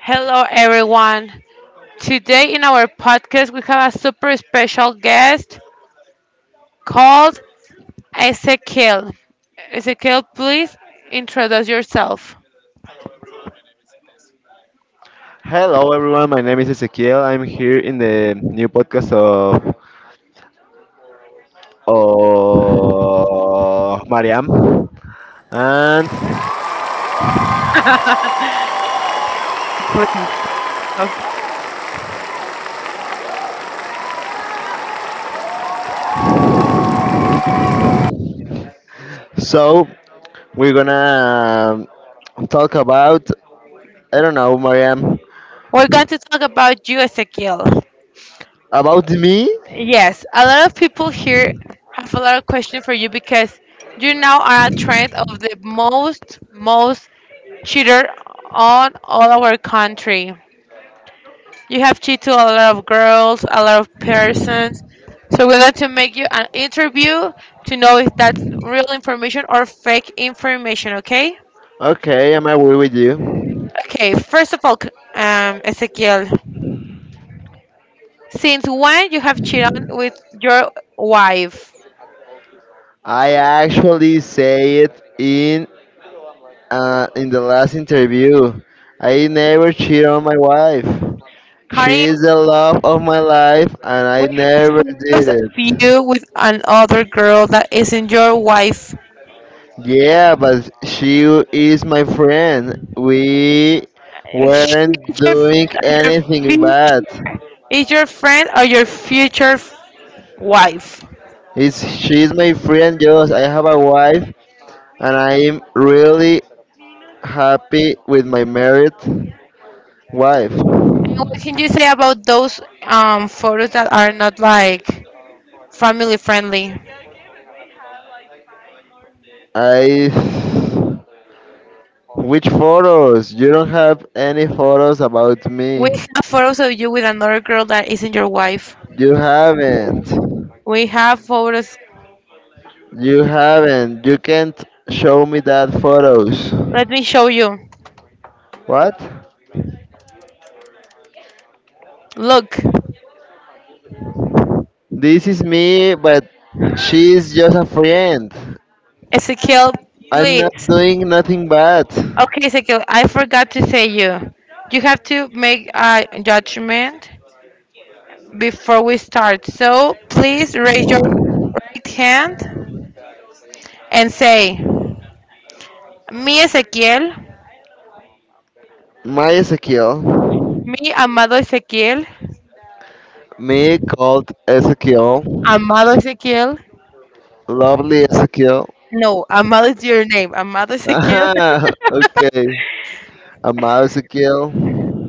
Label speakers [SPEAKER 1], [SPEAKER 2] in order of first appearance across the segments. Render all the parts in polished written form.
[SPEAKER 1] Hello, everyone. Today in our podcast, we have a super special guest called Ezekiel. Ezekiel, please introduce yourself.
[SPEAKER 2] Hello, everyone. My name is Ezequiel. I'm here in the new podcast of Mariam, and so we're gonna talk about I don't know, Mariam,
[SPEAKER 1] We're going to talk about you, Ezekiel.
[SPEAKER 2] about me.
[SPEAKER 1] Yes, a lot of people here have a lot of questions for you because you now are a trend of the most cheater on all our country. You have cheated to a lot of girls, a lot of persons. So we're going to make you an interview to know if that's real information or fake information, okay?
[SPEAKER 2] Okay, am I agree with you?
[SPEAKER 1] Okay, first of all, Ezekiel, since when you have cheated with your wife?
[SPEAKER 2] I actually say it in in the last interview, I never cheat on my wife. She
[SPEAKER 1] Karim,
[SPEAKER 2] is the love of my life, and
[SPEAKER 1] we
[SPEAKER 2] I
[SPEAKER 1] have
[SPEAKER 2] never did
[SPEAKER 1] photos of
[SPEAKER 2] it.
[SPEAKER 1] you with another girl that isn't your wife.
[SPEAKER 2] Yeah, but she is my friend. We
[SPEAKER 1] She
[SPEAKER 2] weren't
[SPEAKER 1] is your
[SPEAKER 2] doing
[SPEAKER 1] your
[SPEAKER 2] anything bad.
[SPEAKER 1] future, is your friend or your future wife.
[SPEAKER 2] She's my friend, Just I have a wife, and I'm really happy with my married wife.
[SPEAKER 1] What can you say about those photos that are not like family friendly?
[SPEAKER 2] I Which photos? You don't have any photos about
[SPEAKER 1] We
[SPEAKER 2] me.
[SPEAKER 1] have photos of you with another girl that isn't your wife.
[SPEAKER 2] You haven't.
[SPEAKER 1] We have photos.
[SPEAKER 2] You haven't. You can't show me that photos.
[SPEAKER 1] Let me show you.
[SPEAKER 2] What?
[SPEAKER 1] Look,
[SPEAKER 2] This is me, but she's just a friend.
[SPEAKER 1] Ezekiel,
[SPEAKER 2] I'm not
[SPEAKER 1] please.
[SPEAKER 2] doing nothing bad.
[SPEAKER 1] Okay, Ezekiel, I forgot to say you. You have to make a judgment before we start. So please raise your right hand and say, "Mi Ezequiel.
[SPEAKER 2] My Ezekiel.
[SPEAKER 1] Mi amado Ezequiel.
[SPEAKER 2] Me called Ezekiel.
[SPEAKER 1] Amado Ezequiel.
[SPEAKER 2] Lovely Ezekiel.
[SPEAKER 1] No, Amal is your name. Amal Ezequiel.
[SPEAKER 2] Ah, okay. I'm Ezekiel.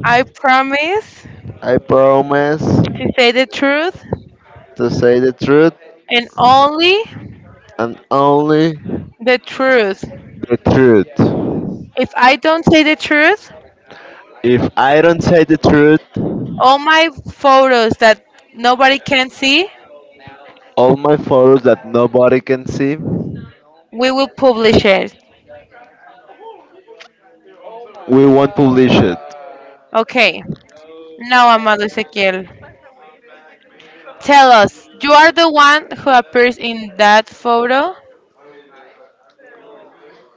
[SPEAKER 1] I promise
[SPEAKER 2] I promise
[SPEAKER 1] to say the truth
[SPEAKER 2] to say the truth
[SPEAKER 1] and only
[SPEAKER 2] and only
[SPEAKER 1] the truth.
[SPEAKER 2] the truth.
[SPEAKER 1] If I don't say the truth,
[SPEAKER 2] If I don't say the truth,
[SPEAKER 1] all my photos that nobody can see,
[SPEAKER 2] all my photos that nobody can see, we
[SPEAKER 1] we will publish it.
[SPEAKER 2] won't publish it.
[SPEAKER 1] Okay. Now, Amal Ezequiel, tell us, you are the one who appears in that photo.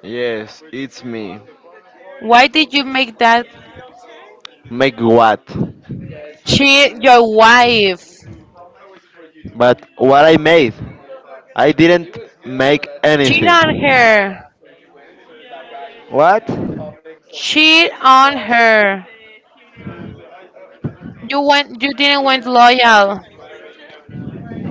[SPEAKER 2] Yes, it's me.
[SPEAKER 1] Why did you make that
[SPEAKER 2] Make what?
[SPEAKER 1] cheat your wife?
[SPEAKER 2] But what I made? I didn't make
[SPEAKER 1] Cheat
[SPEAKER 2] anything.
[SPEAKER 1] on her.
[SPEAKER 2] What?
[SPEAKER 1] Cheat on her. You went, you didn't went loyal,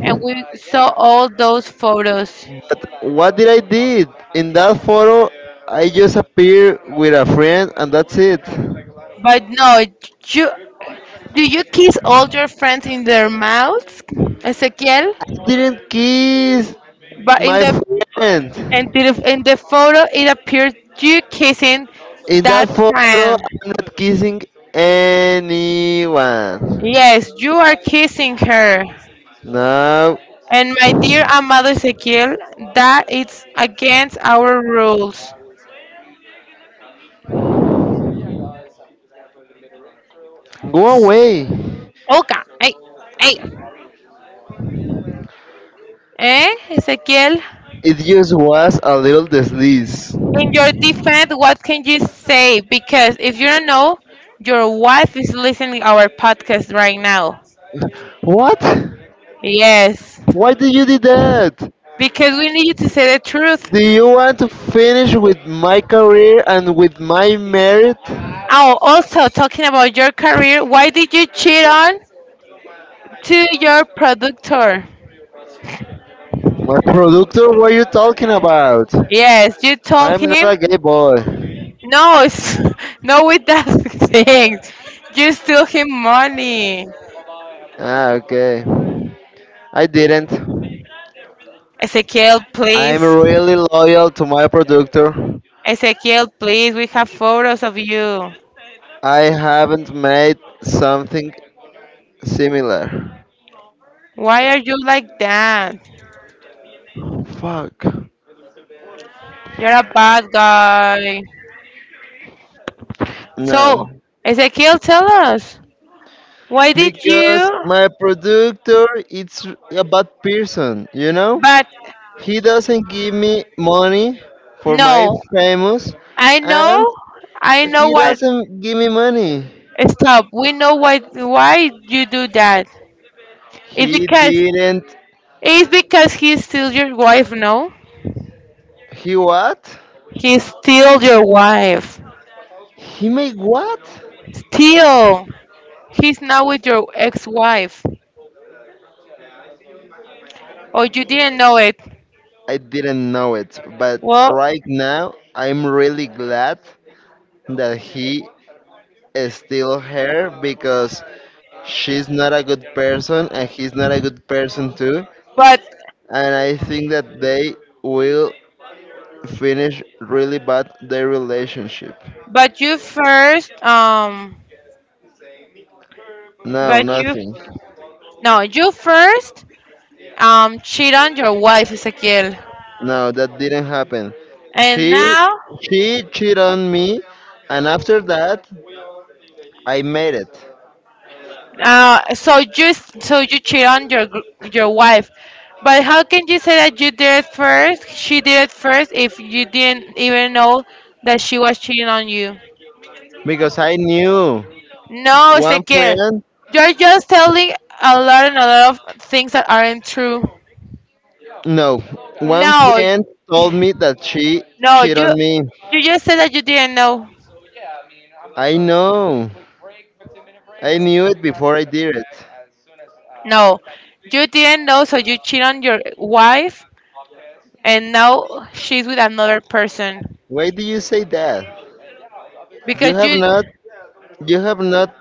[SPEAKER 1] and we saw all those photos.
[SPEAKER 2] But what did I did? In that photo, I just appear with a friend and that's it. I
[SPEAKER 1] But no, you do you kiss all your friends in their mouths, Ezequiel?
[SPEAKER 2] didn't kiss
[SPEAKER 1] But in
[SPEAKER 2] my
[SPEAKER 1] the
[SPEAKER 2] friend.
[SPEAKER 1] in the, in the photo, it appears you kissing
[SPEAKER 2] In
[SPEAKER 1] that
[SPEAKER 2] that photo,
[SPEAKER 1] friend.
[SPEAKER 2] I'm not kissing anyone.
[SPEAKER 1] Yes, you are kissing her.
[SPEAKER 2] No.
[SPEAKER 1] And my dear amado Ezequiel, that is against our rules.
[SPEAKER 2] Go away.
[SPEAKER 1] Okay, hey, hey, Ezequiel?
[SPEAKER 2] It just was a little disease.
[SPEAKER 1] In your defense, what can you say? Because if you don't know, your wife is listening our podcast right now.
[SPEAKER 2] What?
[SPEAKER 1] Yes,
[SPEAKER 2] Why did you do that?
[SPEAKER 1] because we need you to say the truth.
[SPEAKER 2] Do you want to finish with my career and with my merit? My
[SPEAKER 1] Oh, also talking about your career, why did you cheat on to your productor?
[SPEAKER 2] productor, what are you talking about?
[SPEAKER 1] Yes, you told
[SPEAKER 2] I'm not
[SPEAKER 1] him
[SPEAKER 2] a gay boy.
[SPEAKER 1] no, it's, no with that things. You steal him money.
[SPEAKER 2] Ah, okay. I didn't.
[SPEAKER 1] Ezekiel,
[SPEAKER 2] I'm
[SPEAKER 1] please.
[SPEAKER 2] really loyal to my productor.
[SPEAKER 1] Ezekiel, please. We have photos of you.
[SPEAKER 2] I haven't made something similar.
[SPEAKER 1] Why are you like that?
[SPEAKER 2] Fuck.
[SPEAKER 1] You're a bad guy.
[SPEAKER 2] No.
[SPEAKER 1] So, Ezekiel, tell us why did
[SPEAKER 2] Because
[SPEAKER 1] you?
[SPEAKER 2] my productor it's a bad person, you know?
[SPEAKER 1] But
[SPEAKER 2] He doesn't give me money for my
[SPEAKER 1] no,
[SPEAKER 2] famous
[SPEAKER 1] I
[SPEAKER 2] and
[SPEAKER 1] know, I know
[SPEAKER 2] he
[SPEAKER 1] what.
[SPEAKER 2] doesn't give me money.
[SPEAKER 1] Stop. We know why you do that. It's
[SPEAKER 2] He
[SPEAKER 1] because
[SPEAKER 2] didn't
[SPEAKER 1] it's because he's still your wife. No,
[SPEAKER 2] he what?
[SPEAKER 1] he's still your wife.
[SPEAKER 2] He made what?
[SPEAKER 1] Still, he's now with your ex-wife. Oh, you didn't know it.
[SPEAKER 2] I didn't know it, but
[SPEAKER 1] Well,
[SPEAKER 2] right now I'm really glad that he steal her because she's not a good person and he's not a good person too.
[SPEAKER 1] but
[SPEAKER 2] And I think that they will finish really bad their relationship.
[SPEAKER 1] but you first
[SPEAKER 2] No,
[SPEAKER 1] but you
[SPEAKER 2] nothing.
[SPEAKER 1] no, you first cheat on your wife, Ezequiel.
[SPEAKER 2] No, that didn't happen.
[SPEAKER 1] And
[SPEAKER 2] She
[SPEAKER 1] now,
[SPEAKER 2] she cheated on me and after that I made it.
[SPEAKER 1] so so you cheat on your wife, but how can you say that you did it first? She did it first if you didn't even know that she was cheating on you.
[SPEAKER 2] Because I knew
[SPEAKER 1] No,
[SPEAKER 2] one
[SPEAKER 1] Ezequiel,
[SPEAKER 2] friend
[SPEAKER 1] you're just telling a lot and a lot of things that aren't true.
[SPEAKER 2] no one
[SPEAKER 1] No,
[SPEAKER 2] friend told me that she
[SPEAKER 1] no,
[SPEAKER 2] cheated
[SPEAKER 1] you
[SPEAKER 2] on me.
[SPEAKER 1] you just said that you didn't know.
[SPEAKER 2] No.
[SPEAKER 1] No, you didn't know, so you cheat on your wife and now she's with another person.
[SPEAKER 2] Why do you say that? You
[SPEAKER 1] Because
[SPEAKER 2] have
[SPEAKER 1] you
[SPEAKER 2] not you have not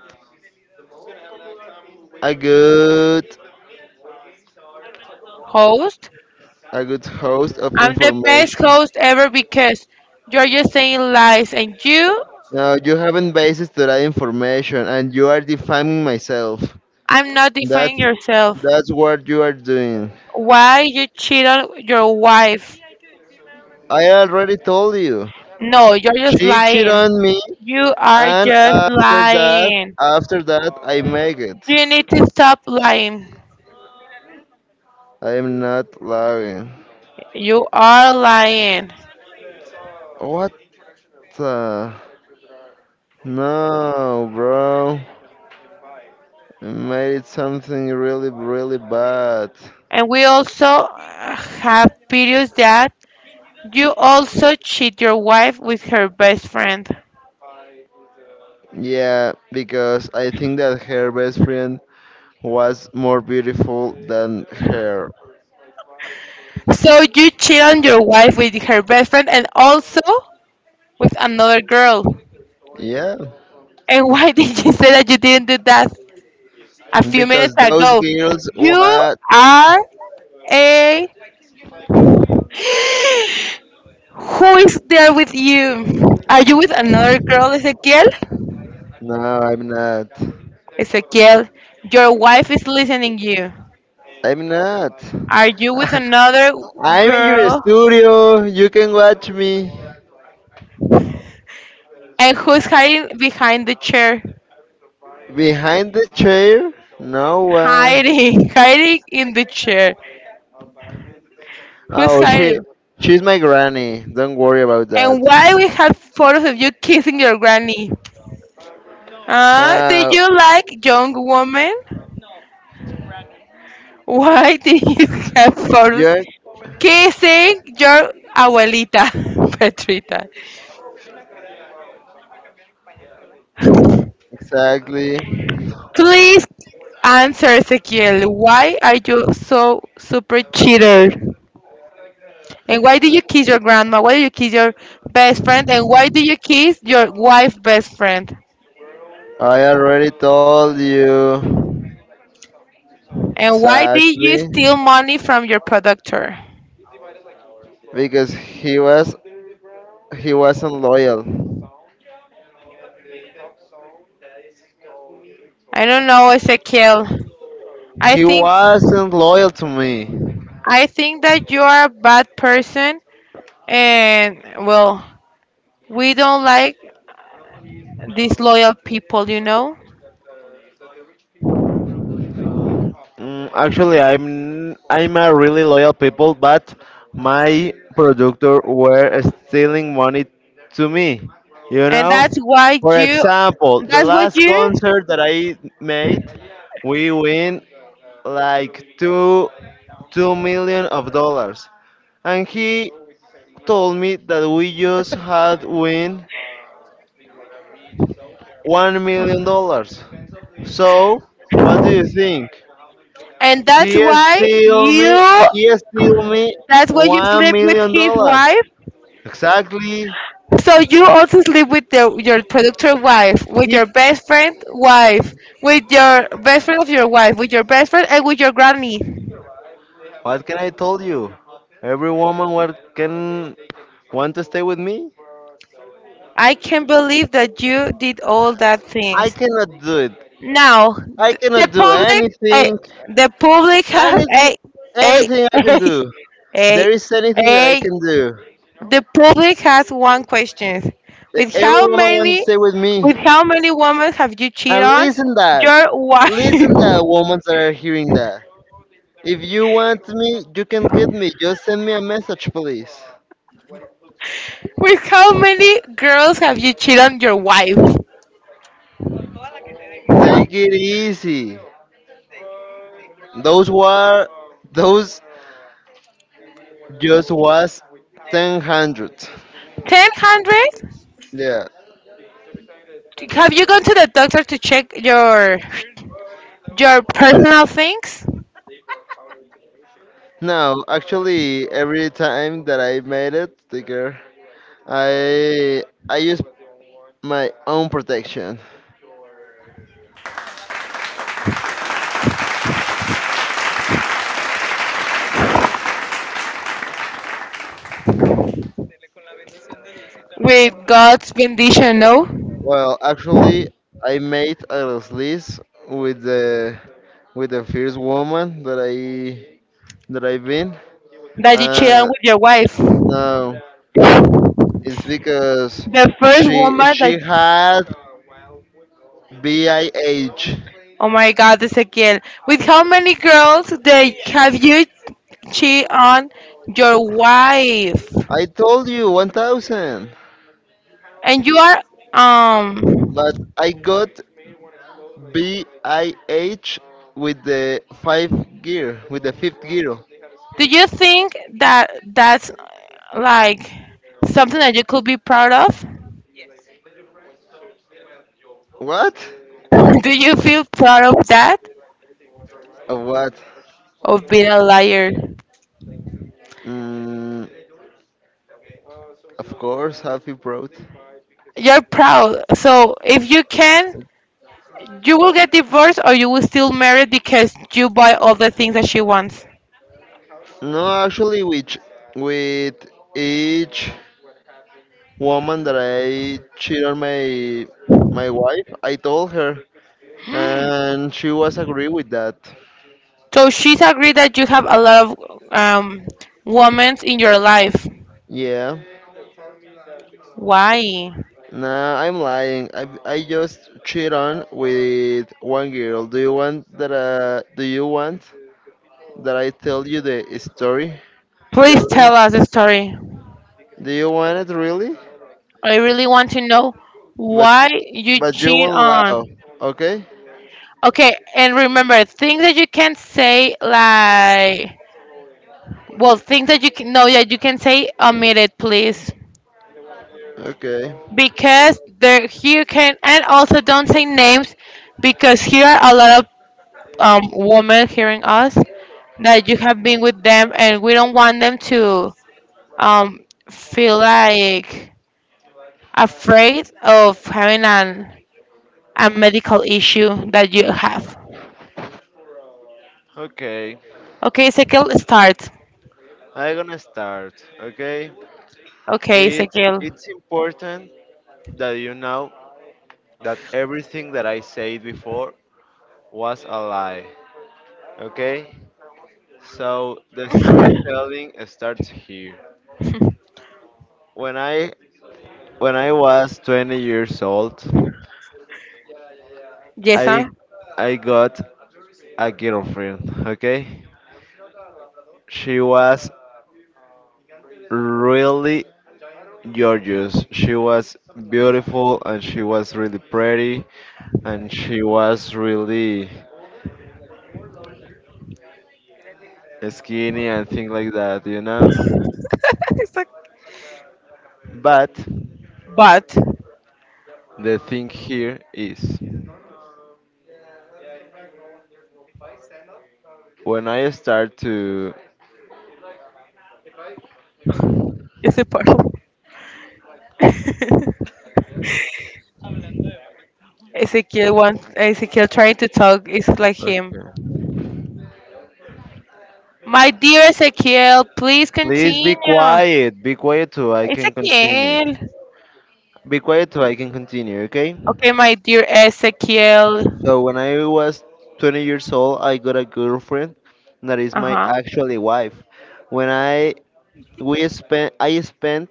[SPEAKER 2] a good
[SPEAKER 1] host,
[SPEAKER 2] a good host of
[SPEAKER 1] I'm the best
[SPEAKER 2] information.
[SPEAKER 1] host ever because you're just saying lies and you,
[SPEAKER 2] No, you haven't basis to that information and you are defaming myself.
[SPEAKER 1] I'm not defending
[SPEAKER 2] That's
[SPEAKER 1] yourself.
[SPEAKER 2] that's what you are doing.
[SPEAKER 1] Why you cheat on your wife?
[SPEAKER 2] I already told you.
[SPEAKER 1] No, you're just
[SPEAKER 2] She cheated
[SPEAKER 1] lying.
[SPEAKER 2] on me
[SPEAKER 1] You are
[SPEAKER 2] and
[SPEAKER 1] just
[SPEAKER 2] after that
[SPEAKER 1] lying.
[SPEAKER 2] after that I make it.
[SPEAKER 1] You need to stop lying.
[SPEAKER 2] I am not lying.
[SPEAKER 1] You are lying.
[SPEAKER 2] What the no bro. I made it something really really bad.
[SPEAKER 1] And we also have videos that you also cheat your wife with her best friend.
[SPEAKER 2] Yeah, because I think that her best friend was more beautiful than her.
[SPEAKER 1] So you cheat on your wife with her best friend and also with another girl.
[SPEAKER 2] Yeah,
[SPEAKER 1] And why did you say that you didn't do that a few minutes
[SPEAKER 2] because those
[SPEAKER 1] ago?
[SPEAKER 2] girls
[SPEAKER 1] You
[SPEAKER 2] what?
[SPEAKER 1] are a. Who is there with you? Are you with another girl, Ezequiel?
[SPEAKER 2] No, I'm not.
[SPEAKER 1] Ezequiel, your wife is listening you.
[SPEAKER 2] I'm not.
[SPEAKER 1] Are you with another
[SPEAKER 2] I'm in your
[SPEAKER 1] girl?
[SPEAKER 2] studio. You can watch me
[SPEAKER 1] And who's hiding behind the chair?
[SPEAKER 2] behind the chair. No one.
[SPEAKER 1] Hiding, hiding in the chair. Who's
[SPEAKER 2] Oh,
[SPEAKER 1] hiding?
[SPEAKER 2] she's my granny. Don't worry about
[SPEAKER 1] And
[SPEAKER 2] that.
[SPEAKER 1] why we have photos of you kissing your granny? Do
[SPEAKER 2] Uh,
[SPEAKER 1] you like young woman? Why do you have photos
[SPEAKER 2] yeah,
[SPEAKER 1] kissing your abuelita, Petrita?
[SPEAKER 2] exactly.
[SPEAKER 1] Please answer, Ezequiel. Why are you so super cheater? And why do you kiss your grandma? Why do you kiss your best friend? And why do you kiss your wife's best friend?
[SPEAKER 2] I already told you.
[SPEAKER 1] And why did you
[SPEAKER 2] Exactly.
[SPEAKER 1] steal money from your productor?
[SPEAKER 2] Because he wasn't loyal.
[SPEAKER 1] I don't know, Ezequiel. I
[SPEAKER 2] He
[SPEAKER 1] think
[SPEAKER 2] wasn't loyal to me.
[SPEAKER 1] I think that you are a bad person, and well, we don't like disloyal people, you know,
[SPEAKER 2] Actually, I'm a really loyal people, but my productor were stealing money to me. You
[SPEAKER 1] and
[SPEAKER 2] know,
[SPEAKER 1] that's why
[SPEAKER 2] for
[SPEAKER 1] you,
[SPEAKER 2] example, the
[SPEAKER 1] that's what
[SPEAKER 2] last
[SPEAKER 1] you,
[SPEAKER 2] concert that I made, we win like two million of dollars, and he told me that we just had win $1 million. So, what do you think?
[SPEAKER 1] and
[SPEAKER 2] Steal me, he steal me
[SPEAKER 1] that's why you
[SPEAKER 2] one
[SPEAKER 1] sleep with
[SPEAKER 2] million
[SPEAKER 1] his
[SPEAKER 2] dollars.
[SPEAKER 1] wife.
[SPEAKER 2] Exactly.
[SPEAKER 1] So you also sleep with the, your productor wife, with
[SPEAKER 2] He,
[SPEAKER 1] your best friend wife, with your best friend of your wife, with your best friend, and with your granny.
[SPEAKER 2] what can I tell you? Every woman what can want to stay with me?
[SPEAKER 1] I can't believe that you did all that
[SPEAKER 2] I
[SPEAKER 1] things.
[SPEAKER 2] cannot do it.
[SPEAKER 1] Now,
[SPEAKER 2] I
[SPEAKER 1] the
[SPEAKER 2] cannot do
[SPEAKER 1] public,
[SPEAKER 2] anything.
[SPEAKER 1] the public have
[SPEAKER 2] Anything,
[SPEAKER 1] a
[SPEAKER 2] anything I can
[SPEAKER 1] a
[SPEAKER 2] do.
[SPEAKER 1] a
[SPEAKER 2] There is anything that I
[SPEAKER 1] a
[SPEAKER 2] can do.
[SPEAKER 1] the public has one question.
[SPEAKER 2] That
[SPEAKER 1] With
[SPEAKER 2] Every
[SPEAKER 1] how
[SPEAKER 2] woman wants to
[SPEAKER 1] many
[SPEAKER 2] stay with me.
[SPEAKER 1] with how many women have you cheated
[SPEAKER 2] And
[SPEAKER 1] on
[SPEAKER 2] listen that.
[SPEAKER 1] your wife?
[SPEAKER 2] Listen that, women that are hearing that. If you want me, you can get me. Just send me a message, please.
[SPEAKER 1] With how many girls have you cheated on your wife?
[SPEAKER 2] Take it easy. Those were those just was ten hundred.
[SPEAKER 1] 1,000?
[SPEAKER 2] Yeah.
[SPEAKER 1] Have you gone to the doctor to check your personal things?
[SPEAKER 2] no, actually, every time that I made it, sticker, I I used my own protection.
[SPEAKER 1] With God's bendition, no?
[SPEAKER 2] Well, actually, I made a list with the with the first woman that I've been.
[SPEAKER 1] That you cheat
[SPEAKER 2] Uh,
[SPEAKER 1] on with your wife.
[SPEAKER 2] no. It's because
[SPEAKER 1] The first
[SPEAKER 2] she
[SPEAKER 1] woman that,
[SPEAKER 2] she had BIH.
[SPEAKER 1] oh my God, Ezequiel, with how many girls that have you cheat on your wife?
[SPEAKER 2] I told you 1000,
[SPEAKER 1] And you are, um,
[SPEAKER 2] but I got BIH with the 5 gear, with the fifth.
[SPEAKER 1] do you think that that's like something that you could be proud of?
[SPEAKER 2] What?
[SPEAKER 1] Do you feel proud of that?
[SPEAKER 2] What?
[SPEAKER 1] Of being a liar?
[SPEAKER 2] Mm,
[SPEAKER 1] You're proud. So if you can, you will get divorced or you will still marry because you buy all the things that she wants.
[SPEAKER 2] no, actually, which with each woman that I cheat on my wife, I told her, and she was agree with that.
[SPEAKER 1] So she's agreed that you have a lot of um, women in your life.
[SPEAKER 2] Yeah.
[SPEAKER 1] Why?
[SPEAKER 2] Nah, I'm lying. I just cheat on with one girl. Do you want that? Do you want that I tell you the story?
[SPEAKER 1] Please
[SPEAKER 2] Telling?
[SPEAKER 1] tell us the story.
[SPEAKER 2] Do you want it really?
[SPEAKER 1] I really want to know
[SPEAKER 2] But
[SPEAKER 1] why you
[SPEAKER 2] but you
[SPEAKER 1] cheat
[SPEAKER 2] won't laugh,
[SPEAKER 1] on.
[SPEAKER 2] okay?
[SPEAKER 1] Okay, and remember things that you can say like well things that you can no that you can say omit it please because there here can and also don't say names because here are a lot of women hearing us that you have been with them and we don't want them to um feel like afraid of having an a medical issue that you have.
[SPEAKER 2] Okay,
[SPEAKER 1] Okay, Ezekiel, start.
[SPEAKER 2] I'm gonna start. Okay,
[SPEAKER 1] Okay,
[SPEAKER 2] it's
[SPEAKER 1] Ezekiel.
[SPEAKER 2] it's important that you know that everything that I said before was a lie. Okay, so the storytelling starts here. When I When I was 20 years old, I
[SPEAKER 1] Jason.
[SPEAKER 2] I got a girlfriend, okay? She was really gorgeous. She was beautiful and she was really pretty and she was really skinny and things like that, you know?
[SPEAKER 1] It's like,
[SPEAKER 2] But
[SPEAKER 1] but
[SPEAKER 2] the thing here is when I start to
[SPEAKER 1] it's a problem. Ezekiel wants Ezekiel trying to talk is like him.
[SPEAKER 2] okay.
[SPEAKER 1] My dear Ezekiel, please
[SPEAKER 2] Please be
[SPEAKER 1] continue.
[SPEAKER 2] quiet. Be quiet so I can continue.
[SPEAKER 1] Ezekiel.
[SPEAKER 2] Be quiet so I can continue, okay?
[SPEAKER 1] Okay, my dear Ezekiel.
[SPEAKER 2] So when I was 20 years old, I got a girlfriend that is
[SPEAKER 1] Uh
[SPEAKER 2] my
[SPEAKER 1] huh.
[SPEAKER 2] actually wife. When I we spent I spent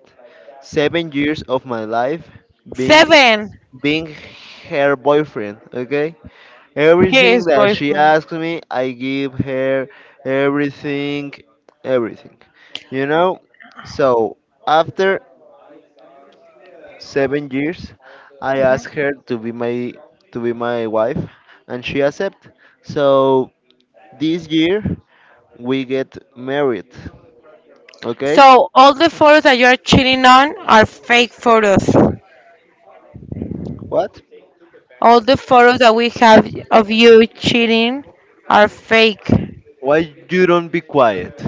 [SPEAKER 2] 7 years of my life being
[SPEAKER 1] Seven.
[SPEAKER 2] being her boyfriend. Okay,
[SPEAKER 1] He
[SPEAKER 2] everything
[SPEAKER 1] is
[SPEAKER 2] that she
[SPEAKER 1] boyfriend.
[SPEAKER 2] asks me, I give her everything, everything. You know. So after 7 years, I asked her to be my wife, and she accepted. So this year we get married. Okay?
[SPEAKER 1] So all the photos that you are cheating on are fake photos.
[SPEAKER 2] What?
[SPEAKER 1] All the photos that we have of you cheating are fake.
[SPEAKER 2] Why you don't be quiet?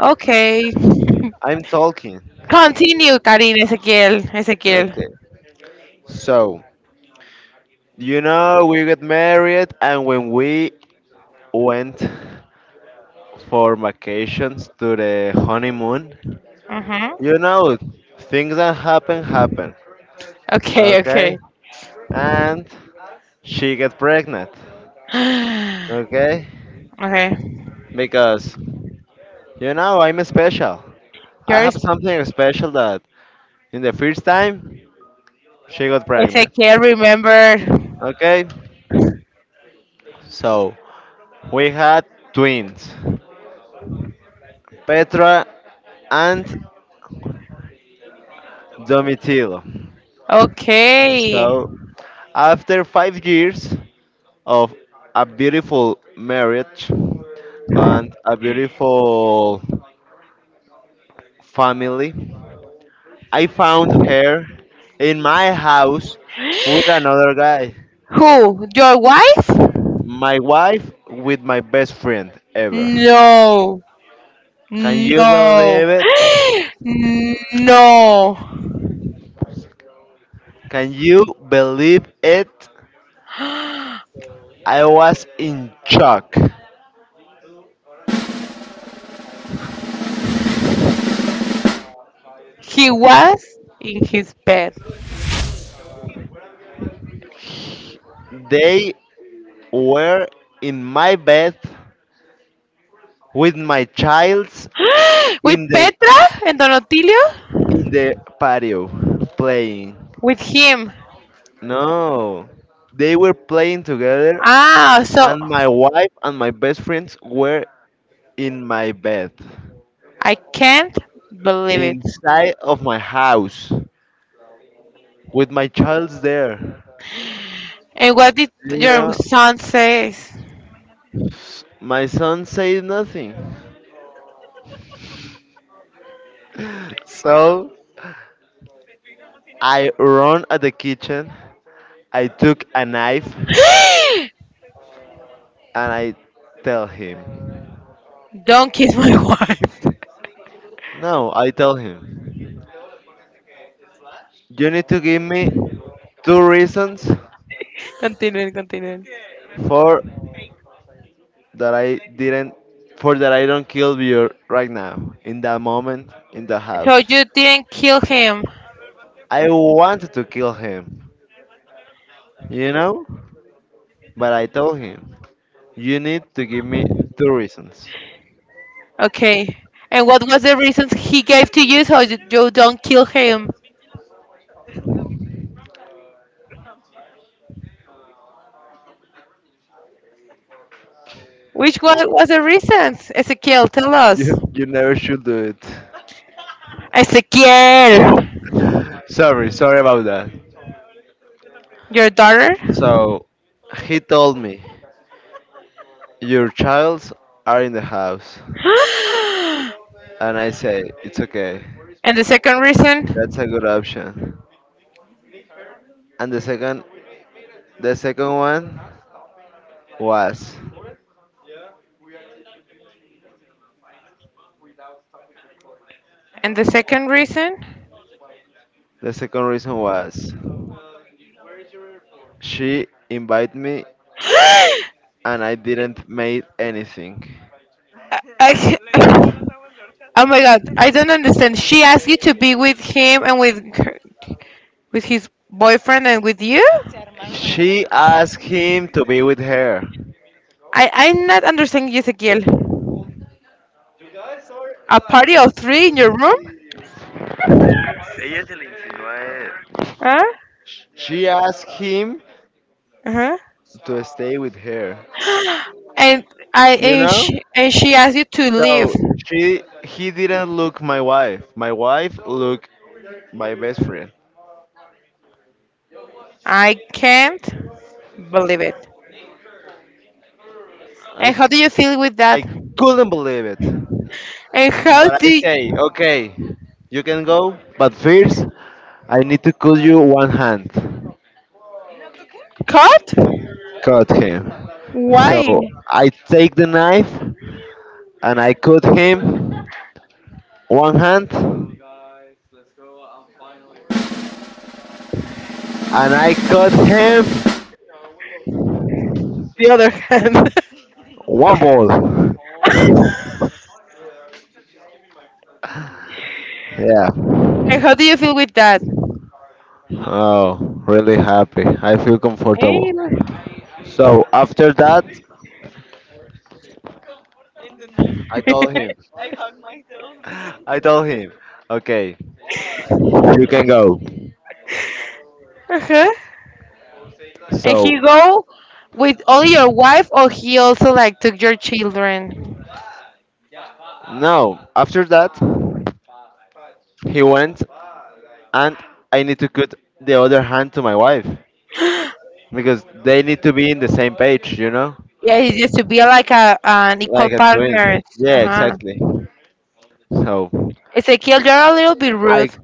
[SPEAKER 1] Okay.
[SPEAKER 2] I'm talking.
[SPEAKER 1] Continue, Karin, Ezequiel, Ezequiel.
[SPEAKER 2] Okay. So, we got married, and when we went for vacations to the honeymoon,
[SPEAKER 1] Mm-hmm.
[SPEAKER 2] you know, things that happen happen.
[SPEAKER 1] Okay,
[SPEAKER 2] Okay?
[SPEAKER 1] okay.
[SPEAKER 2] And she get pregnant. Okay?
[SPEAKER 1] Okay.
[SPEAKER 2] Because, I'm special.
[SPEAKER 1] Your
[SPEAKER 2] I have
[SPEAKER 1] s-
[SPEAKER 2] something special that in the first time she got pregnant.
[SPEAKER 1] Ezequiel remember.
[SPEAKER 2] Okay, so we had twins, Petra and Domitilo.
[SPEAKER 1] Okay.
[SPEAKER 2] So after 5 years of a beautiful marriage and a beautiful family, I found her in my house with another guy.
[SPEAKER 1] Who? Your wife?
[SPEAKER 2] My wife with my best friend ever.
[SPEAKER 1] No.
[SPEAKER 2] Can you
[SPEAKER 1] No.
[SPEAKER 2] believe it?
[SPEAKER 1] No.
[SPEAKER 2] Can you believe it? I was in shock.
[SPEAKER 1] He was in his bed.
[SPEAKER 2] They were in my bed with my childs
[SPEAKER 1] With
[SPEAKER 2] in the
[SPEAKER 1] Petra and Donotilio?
[SPEAKER 2] in the patio playing.
[SPEAKER 1] With him.
[SPEAKER 2] No. They were playing together
[SPEAKER 1] Ah, so
[SPEAKER 2] and my wife and my best friends were in my bed
[SPEAKER 1] I can't believe it.
[SPEAKER 2] inside of my house with my childs there.
[SPEAKER 1] And what did
[SPEAKER 2] You
[SPEAKER 1] your
[SPEAKER 2] know,
[SPEAKER 1] son say?
[SPEAKER 2] my son said nothing. So I run at the kitchen I took a knife and I tell him.
[SPEAKER 1] Don't kiss my wife.
[SPEAKER 2] No, I tell him. You need to give me two reasons
[SPEAKER 1] Continue, continue.
[SPEAKER 2] for that I didn't for that I don't kill you right now in that moment in the
[SPEAKER 1] So
[SPEAKER 2] house.
[SPEAKER 1] you didn't kill him.
[SPEAKER 2] I wanted to kill him, you know? But I told him, you need to give me two reasons.
[SPEAKER 1] Okay. And what was the reasons he gave to you so you don't kill him? Which one was the reasons? Ezekiel, tell us.
[SPEAKER 2] You never should do it.
[SPEAKER 1] Ezekiel,
[SPEAKER 2] sorry, sorry about that.
[SPEAKER 1] your daughter?
[SPEAKER 2] So he told me your childs are in the house, and I say it's okay.
[SPEAKER 1] And the second
[SPEAKER 2] That's a
[SPEAKER 1] reason?
[SPEAKER 2] good option. And the second one was
[SPEAKER 1] And the second reason?
[SPEAKER 2] the second reason was she invited me
[SPEAKER 1] I,
[SPEAKER 2] and I didn't make anything.
[SPEAKER 1] I ca- oh my god, I don't understand. She asked you to be with him and with her, with his boyfriend and with you?
[SPEAKER 2] She asked him to be with her.
[SPEAKER 1] I'm not understanding you, Ezequiel. A party of three in your room? Huh?
[SPEAKER 2] She asked him
[SPEAKER 1] Uh-huh.
[SPEAKER 2] to stay with her.
[SPEAKER 1] And
[SPEAKER 2] You know?
[SPEAKER 1] and she asked you to leave.
[SPEAKER 2] So she he didn't look my wife. My wife looked my best friend.
[SPEAKER 1] I can't believe it.
[SPEAKER 2] I
[SPEAKER 1] And how do you feel with that?
[SPEAKER 2] I couldn't believe it.
[SPEAKER 1] And how
[SPEAKER 2] But
[SPEAKER 1] do
[SPEAKER 2] I
[SPEAKER 1] you,
[SPEAKER 2] say, okay, you can go, but first I need to cut you one hand.
[SPEAKER 1] cut?
[SPEAKER 2] Cut him. So
[SPEAKER 1] Why
[SPEAKER 2] I take the knife and I cut him one hand and I cut him
[SPEAKER 1] the other hand?
[SPEAKER 2] one ball. Yeah.
[SPEAKER 1] And how do you feel with that?
[SPEAKER 2] Oh, really happy. I feel
[SPEAKER 1] Eh?
[SPEAKER 2] comfortable. So after that, I told him. I told him, okay, you can go.
[SPEAKER 1] Uh-huh. And
[SPEAKER 2] So
[SPEAKER 1] he go with only your wife, or he also like took your children?
[SPEAKER 2] now after that, he went and I need to put the other hand to my wife because they need to be in the same page,
[SPEAKER 1] Yeah, it's just to be like a, an equal
[SPEAKER 2] like twins.
[SPEAKER 1] partner. Uh
[SPEAKER 2] Yeah,
[SPEAKER 1] huh.
[SPEAKER 2] exactly. So
[SPEAKER 1] Ezekiel, you're a little bit
[SPEAKER 2] I,
[SPEAKER 1] rude.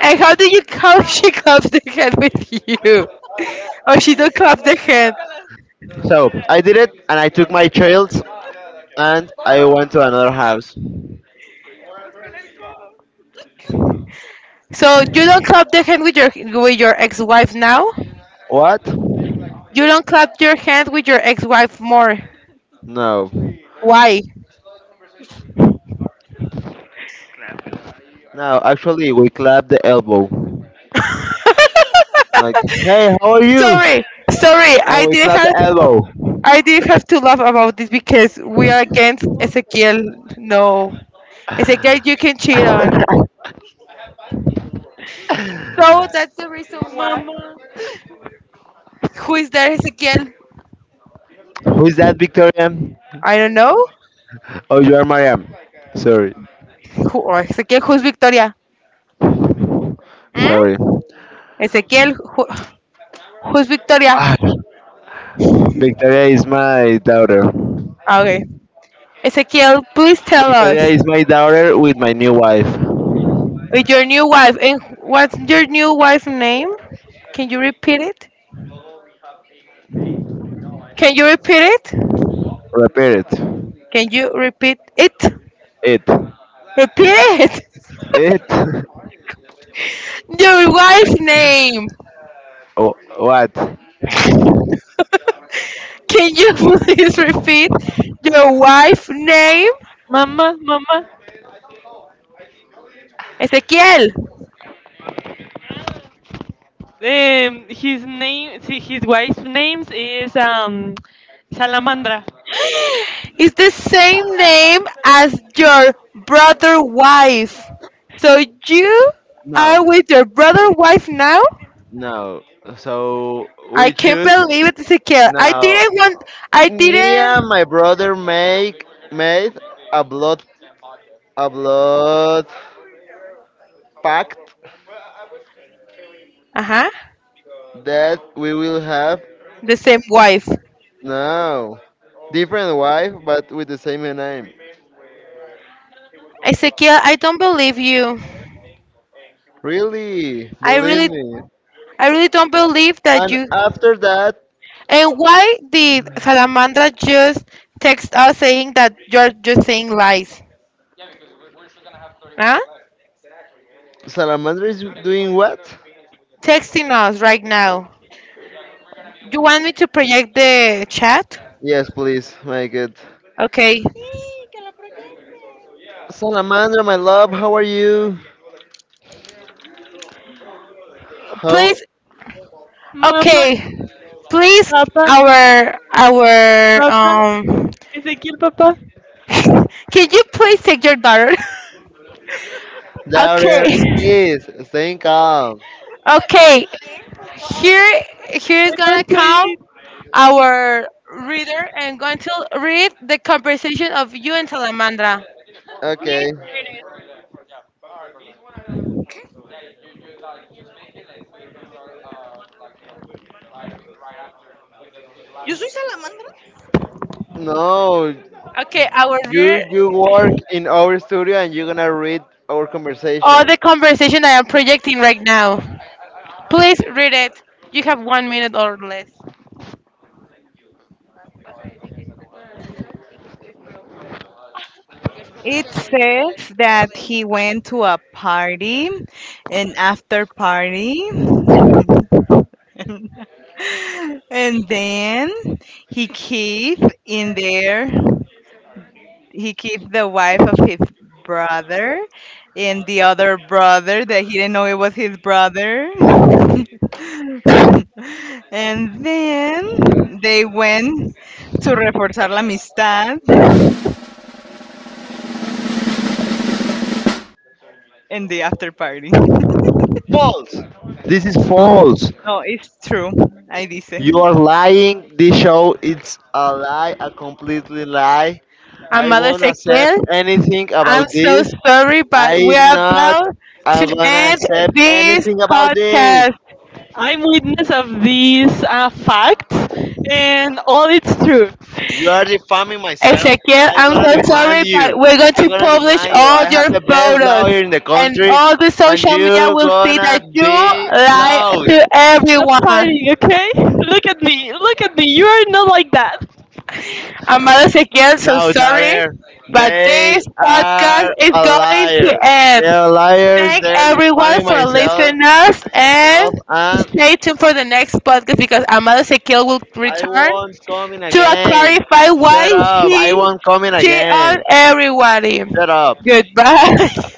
[SPEAKER 1] And how do you how she claps the hand with you? Or she don't clap the hand.
[SPEAKER 2] so I did it, and I took my child, and I went to another house.
[SPEAKER 1] So you don't clap the hand with your ex-wife now?
[SPEAKER 2] What?
[SPEAKER 1] You don't clap your hands with your ex-wife more.
[SPEAKER 2] No, no.
[SPEAKER 1] Why?
[SPEAKER 2] Actually, we clapped the elbow, like, "Hey, how are you?"
[SPEAKER 1] Sorry, sorry.
[SPEAKER 2] And we clapped the elbow.
[SPEAKER 1] I didn't have to laugh about this because we are against Ezekiel. No, Ezekiel, you can cheat on. So that's the reason why. Mama. Who is there, Ezekiel?
[SPEAKER 2] Who is that, Victoria?
[SPEAKER 1] I don't know.
[SPEAKER 2] Oh, you are Mariam. Sorry,
[SPEAKER 1] Who or Ezekiel? Who's Victoria? Hmm?
[SPEAKER 2] sorry.
[SPEAKER 1] Ezekiel, who, who's Victoria?
[SPEAKER 2] Victoria is my daughter.
[SPEAKER 1] Okay. Ezekiel, please tell us
[SPEAKER 2] Victoria is my daughter with my new wife.
[SPEAKER 1] with your new wife and what's your new wife's name? Can you repeat it? Can you repeat it?
[SPEAKER 2] Repeat it.
[SPEAKER 1] Can you repeat it?
[SPEAKER 2] It.
[SPEAKER 1] Repeat it!
[SPEAKER 2] It.
[SPEAKER 1] Your wife's name!
[SPEAKER 2] Oh, what?
[SPEAKER 1] Can you please repeat your wife's name?
[SPEAKER 2] Mama, mama.
[SPEAKER 1] Ezequiel,
[SPEAKER 2] His name, see, his wife's name is Salamandra.
[SPEAKER 1] it's the same name as your brother wife. So you
[SPEAKER 2] No,
[SPEAKER 1] are with your brother wife now?
[SPEAKER 2] no. So
[SPEAKER 1] I
[SPEAKER 2] we
[SPEAKER 1] can't
[SPEAKER 2] choose
[SPEAKER 1] believe it, Ezequiel.
[SPEAKER 2] now.
[SPEAKER 1] I
[SPEAKER 2] Me and
[SPEAKER 1] didn't.
[SPEAKER 2] my brother make made a blood a blood pact
[SPEAKER 1] Uh huh.
[SPEAKER 2] that we will have.
[SPEAKER 1] The same wife.
[SPEAKER 2] No, different wife, but with the same name.
[SPEAKER 1] Ezequiel, I don't believe you.
[SPEAKER 2] Really,
[SPEAKER 1] I
[SPEAKER 2] believe
[SPEAKER 1] really
[SPEAKER 2] me.
[SPEAKER 1] I really don't believe that
[SPEAKER 2] And
[SPEAKER 1] you.
[SPEAKER 2] after that,
[SPEAKER 1] And why did Salamandra just text us saying that you're just saying lies? Huh?
[SPEAKER 2] Salamandra is doing what?
[SPEAKER 1] Texting us right now. You want me to project the chat?
[SPEAKER 2] Yes, please, make it.
[SPEAKER 1] Okay.
[SPEAKER 2] Salamandra, my love, how are you? How,
[SPEAKER 1] Please.
[SPEAKER 2] Mama,
[SPEAKER 1] Okay. Please,
[SPEAKER 2] papa,
[SPEAKER 1] our
[SPEAKER 2] papa,
[SPEAKER 1] um.
[SPEAKER 2] Ezequiel, papa.
[SPEAKER 1] Can you please take your daughter?
[SPEAKER 2] Daughter,
[SPEAKER 1] Okay.
[SPEAKER 2] please, stay calm.
[SPEAKER 1] Okay. Here is
[SPEAKER 2] I
[SPEAKER 1] gonna
[SPEAKER 2] want to
[SPEAKER 1] come
[SPEAKER 2] eat.
[SPEAKER 1] our reader and going to read the conversation of you and Salamandra.
[SPEAKER 2] Okay. No,
[SPEAKER 1] Okay, our reader,
[SPEAKER 2] you work in our studio and you're gonna read our conversation.
[SPEAKER 1] all the conversation I am projecting right now. Please read it. You have 1 minute or less. It says that he went to a party, an after party, and then he caved in there he killed the wife of his brother and the other brother that he didn't know it was his brother. And then they went to reforzar la amistad in the after party.
[SPEAKER 2] False. This is false.
[SPEAKER 1] No, it's true. I dice.
[SPEAKER 2] You are lying. This show it's a lie, a completely lie. I
[SPEAKER 1] Amado
[SPEAKER 2] won't
[SPEAKER 1] Ezequiel,
[SPEAKER 2] accept anything
[SPEAKER 1] I'm
[SPEAKER 2] about
[SPEAKER 1] so
[SPEAKER 2] this.
[SPEAKER 1] sorry, but we
[SPEAKER 2] I
[SPEAKER 1] are
[SPEAKER 2] not
[SPEAKER 1] about
[SPEAKER 2] I
[SPEAKER 1] to
[SPEAKER 2] gonna
[SPEAKER 1] end
[SPEAKER 2] accept
[SPEAKER 1] this
[SPEAKER 2] anything about this.
[SPEAKER 1] podcast.
[SPEAKER 2] I'm witness of these facts, and all it's true. You are defaming myself, and
[SPEAKER 1] Ezekiel,
[SPEAKER 2] I'm
[SPEAKER 1] I'm
[SPEAKER 2] gonna
[SPEAKER 1] so sorry,
[SPEAKER 2] demand
[SPEAKER 1] but
[SPEAKER 2] you.
[SPEAKER 1] we're going
[SPEAKER 2] I'm
[SPEAKER 1] to
[SPEAKER 2] gonna
[SPEAKER 1] publish
[SPEAKER 2] demand you.
[SPEAKER 1] all
[SPEAKER 2] I
[SPEAKER 1] your
[SPEAKER 2] have the best
[SPEAKER 1] photos
[SPEAKER 2] lawyer in the
[SPEAKER 1] and
[SPEAKER 2] country,
[SPEAKER 1] all the
[SPEAKER 2] and
[SPEAKER 1] social media
[SPEAKER 2] you
[SPEAKER 1] will see that
[SPEAKER 2] gonna
[SPEAKER 1] you
[SPEAKER 2] be
[SPEAKER 1] lie
[SPEAKER 2] close.
[SPEAKER 1] to
[SPEAKER 2] Stop
[SPEAKER 1] everyone.
[SPEAKER 2] fighting, okay? Look at me, look at me. You are not like that.
[SPEAKER 1] Amado Ezequiel, so
[SPEAKER 2] No,
[SPEAKER 1] sorry,
[SPEAKER 2] daughter,
[SPEAKER 1] but
[SPEAKER 2] they
[SPEAKER 1] this podcast
[SPEAKER 2] are
[SPEAKER 1] is
[SPEAKER 2] a
[SPEAKER 1] going
[SPEAKER 2] liar.
[SPEAKER 1] to
[SPEAKER 2] They
[SPEAKER 1] end.
[SPEAKER 2] are liars.
[SPEAKER 1] Thank
[SPEAKER 2] They're
[SPEAKER 1] everyone
[SPEAKER 2] defaming
[SPEAKER 1] for listening us and
[SPEAKER 2] myself, and.
[SPEAKER 1] stay tuned for the next podcast because Amado Ezequiel will
[SPEAKER 2] I
[SPEAKER 1] return
[SPEAKER 2] won't come in
[SPEAKER 1] to
[SPEAKER 2] again.
[SPEAKER 1] clarify
[SPEAKER 2] Shut
[SPEAKER 1] why
[SPEAKER 2] up. I
[SPEAKER 1] she
[SPEAKER 2] won't come in
[SPEAKER 1] cheat on
[SPEAKER 2] again.
[SPEAKER 1] everybody.
[SPEAKER 2] Shut up.
[SPEAKER 1] Goodbye.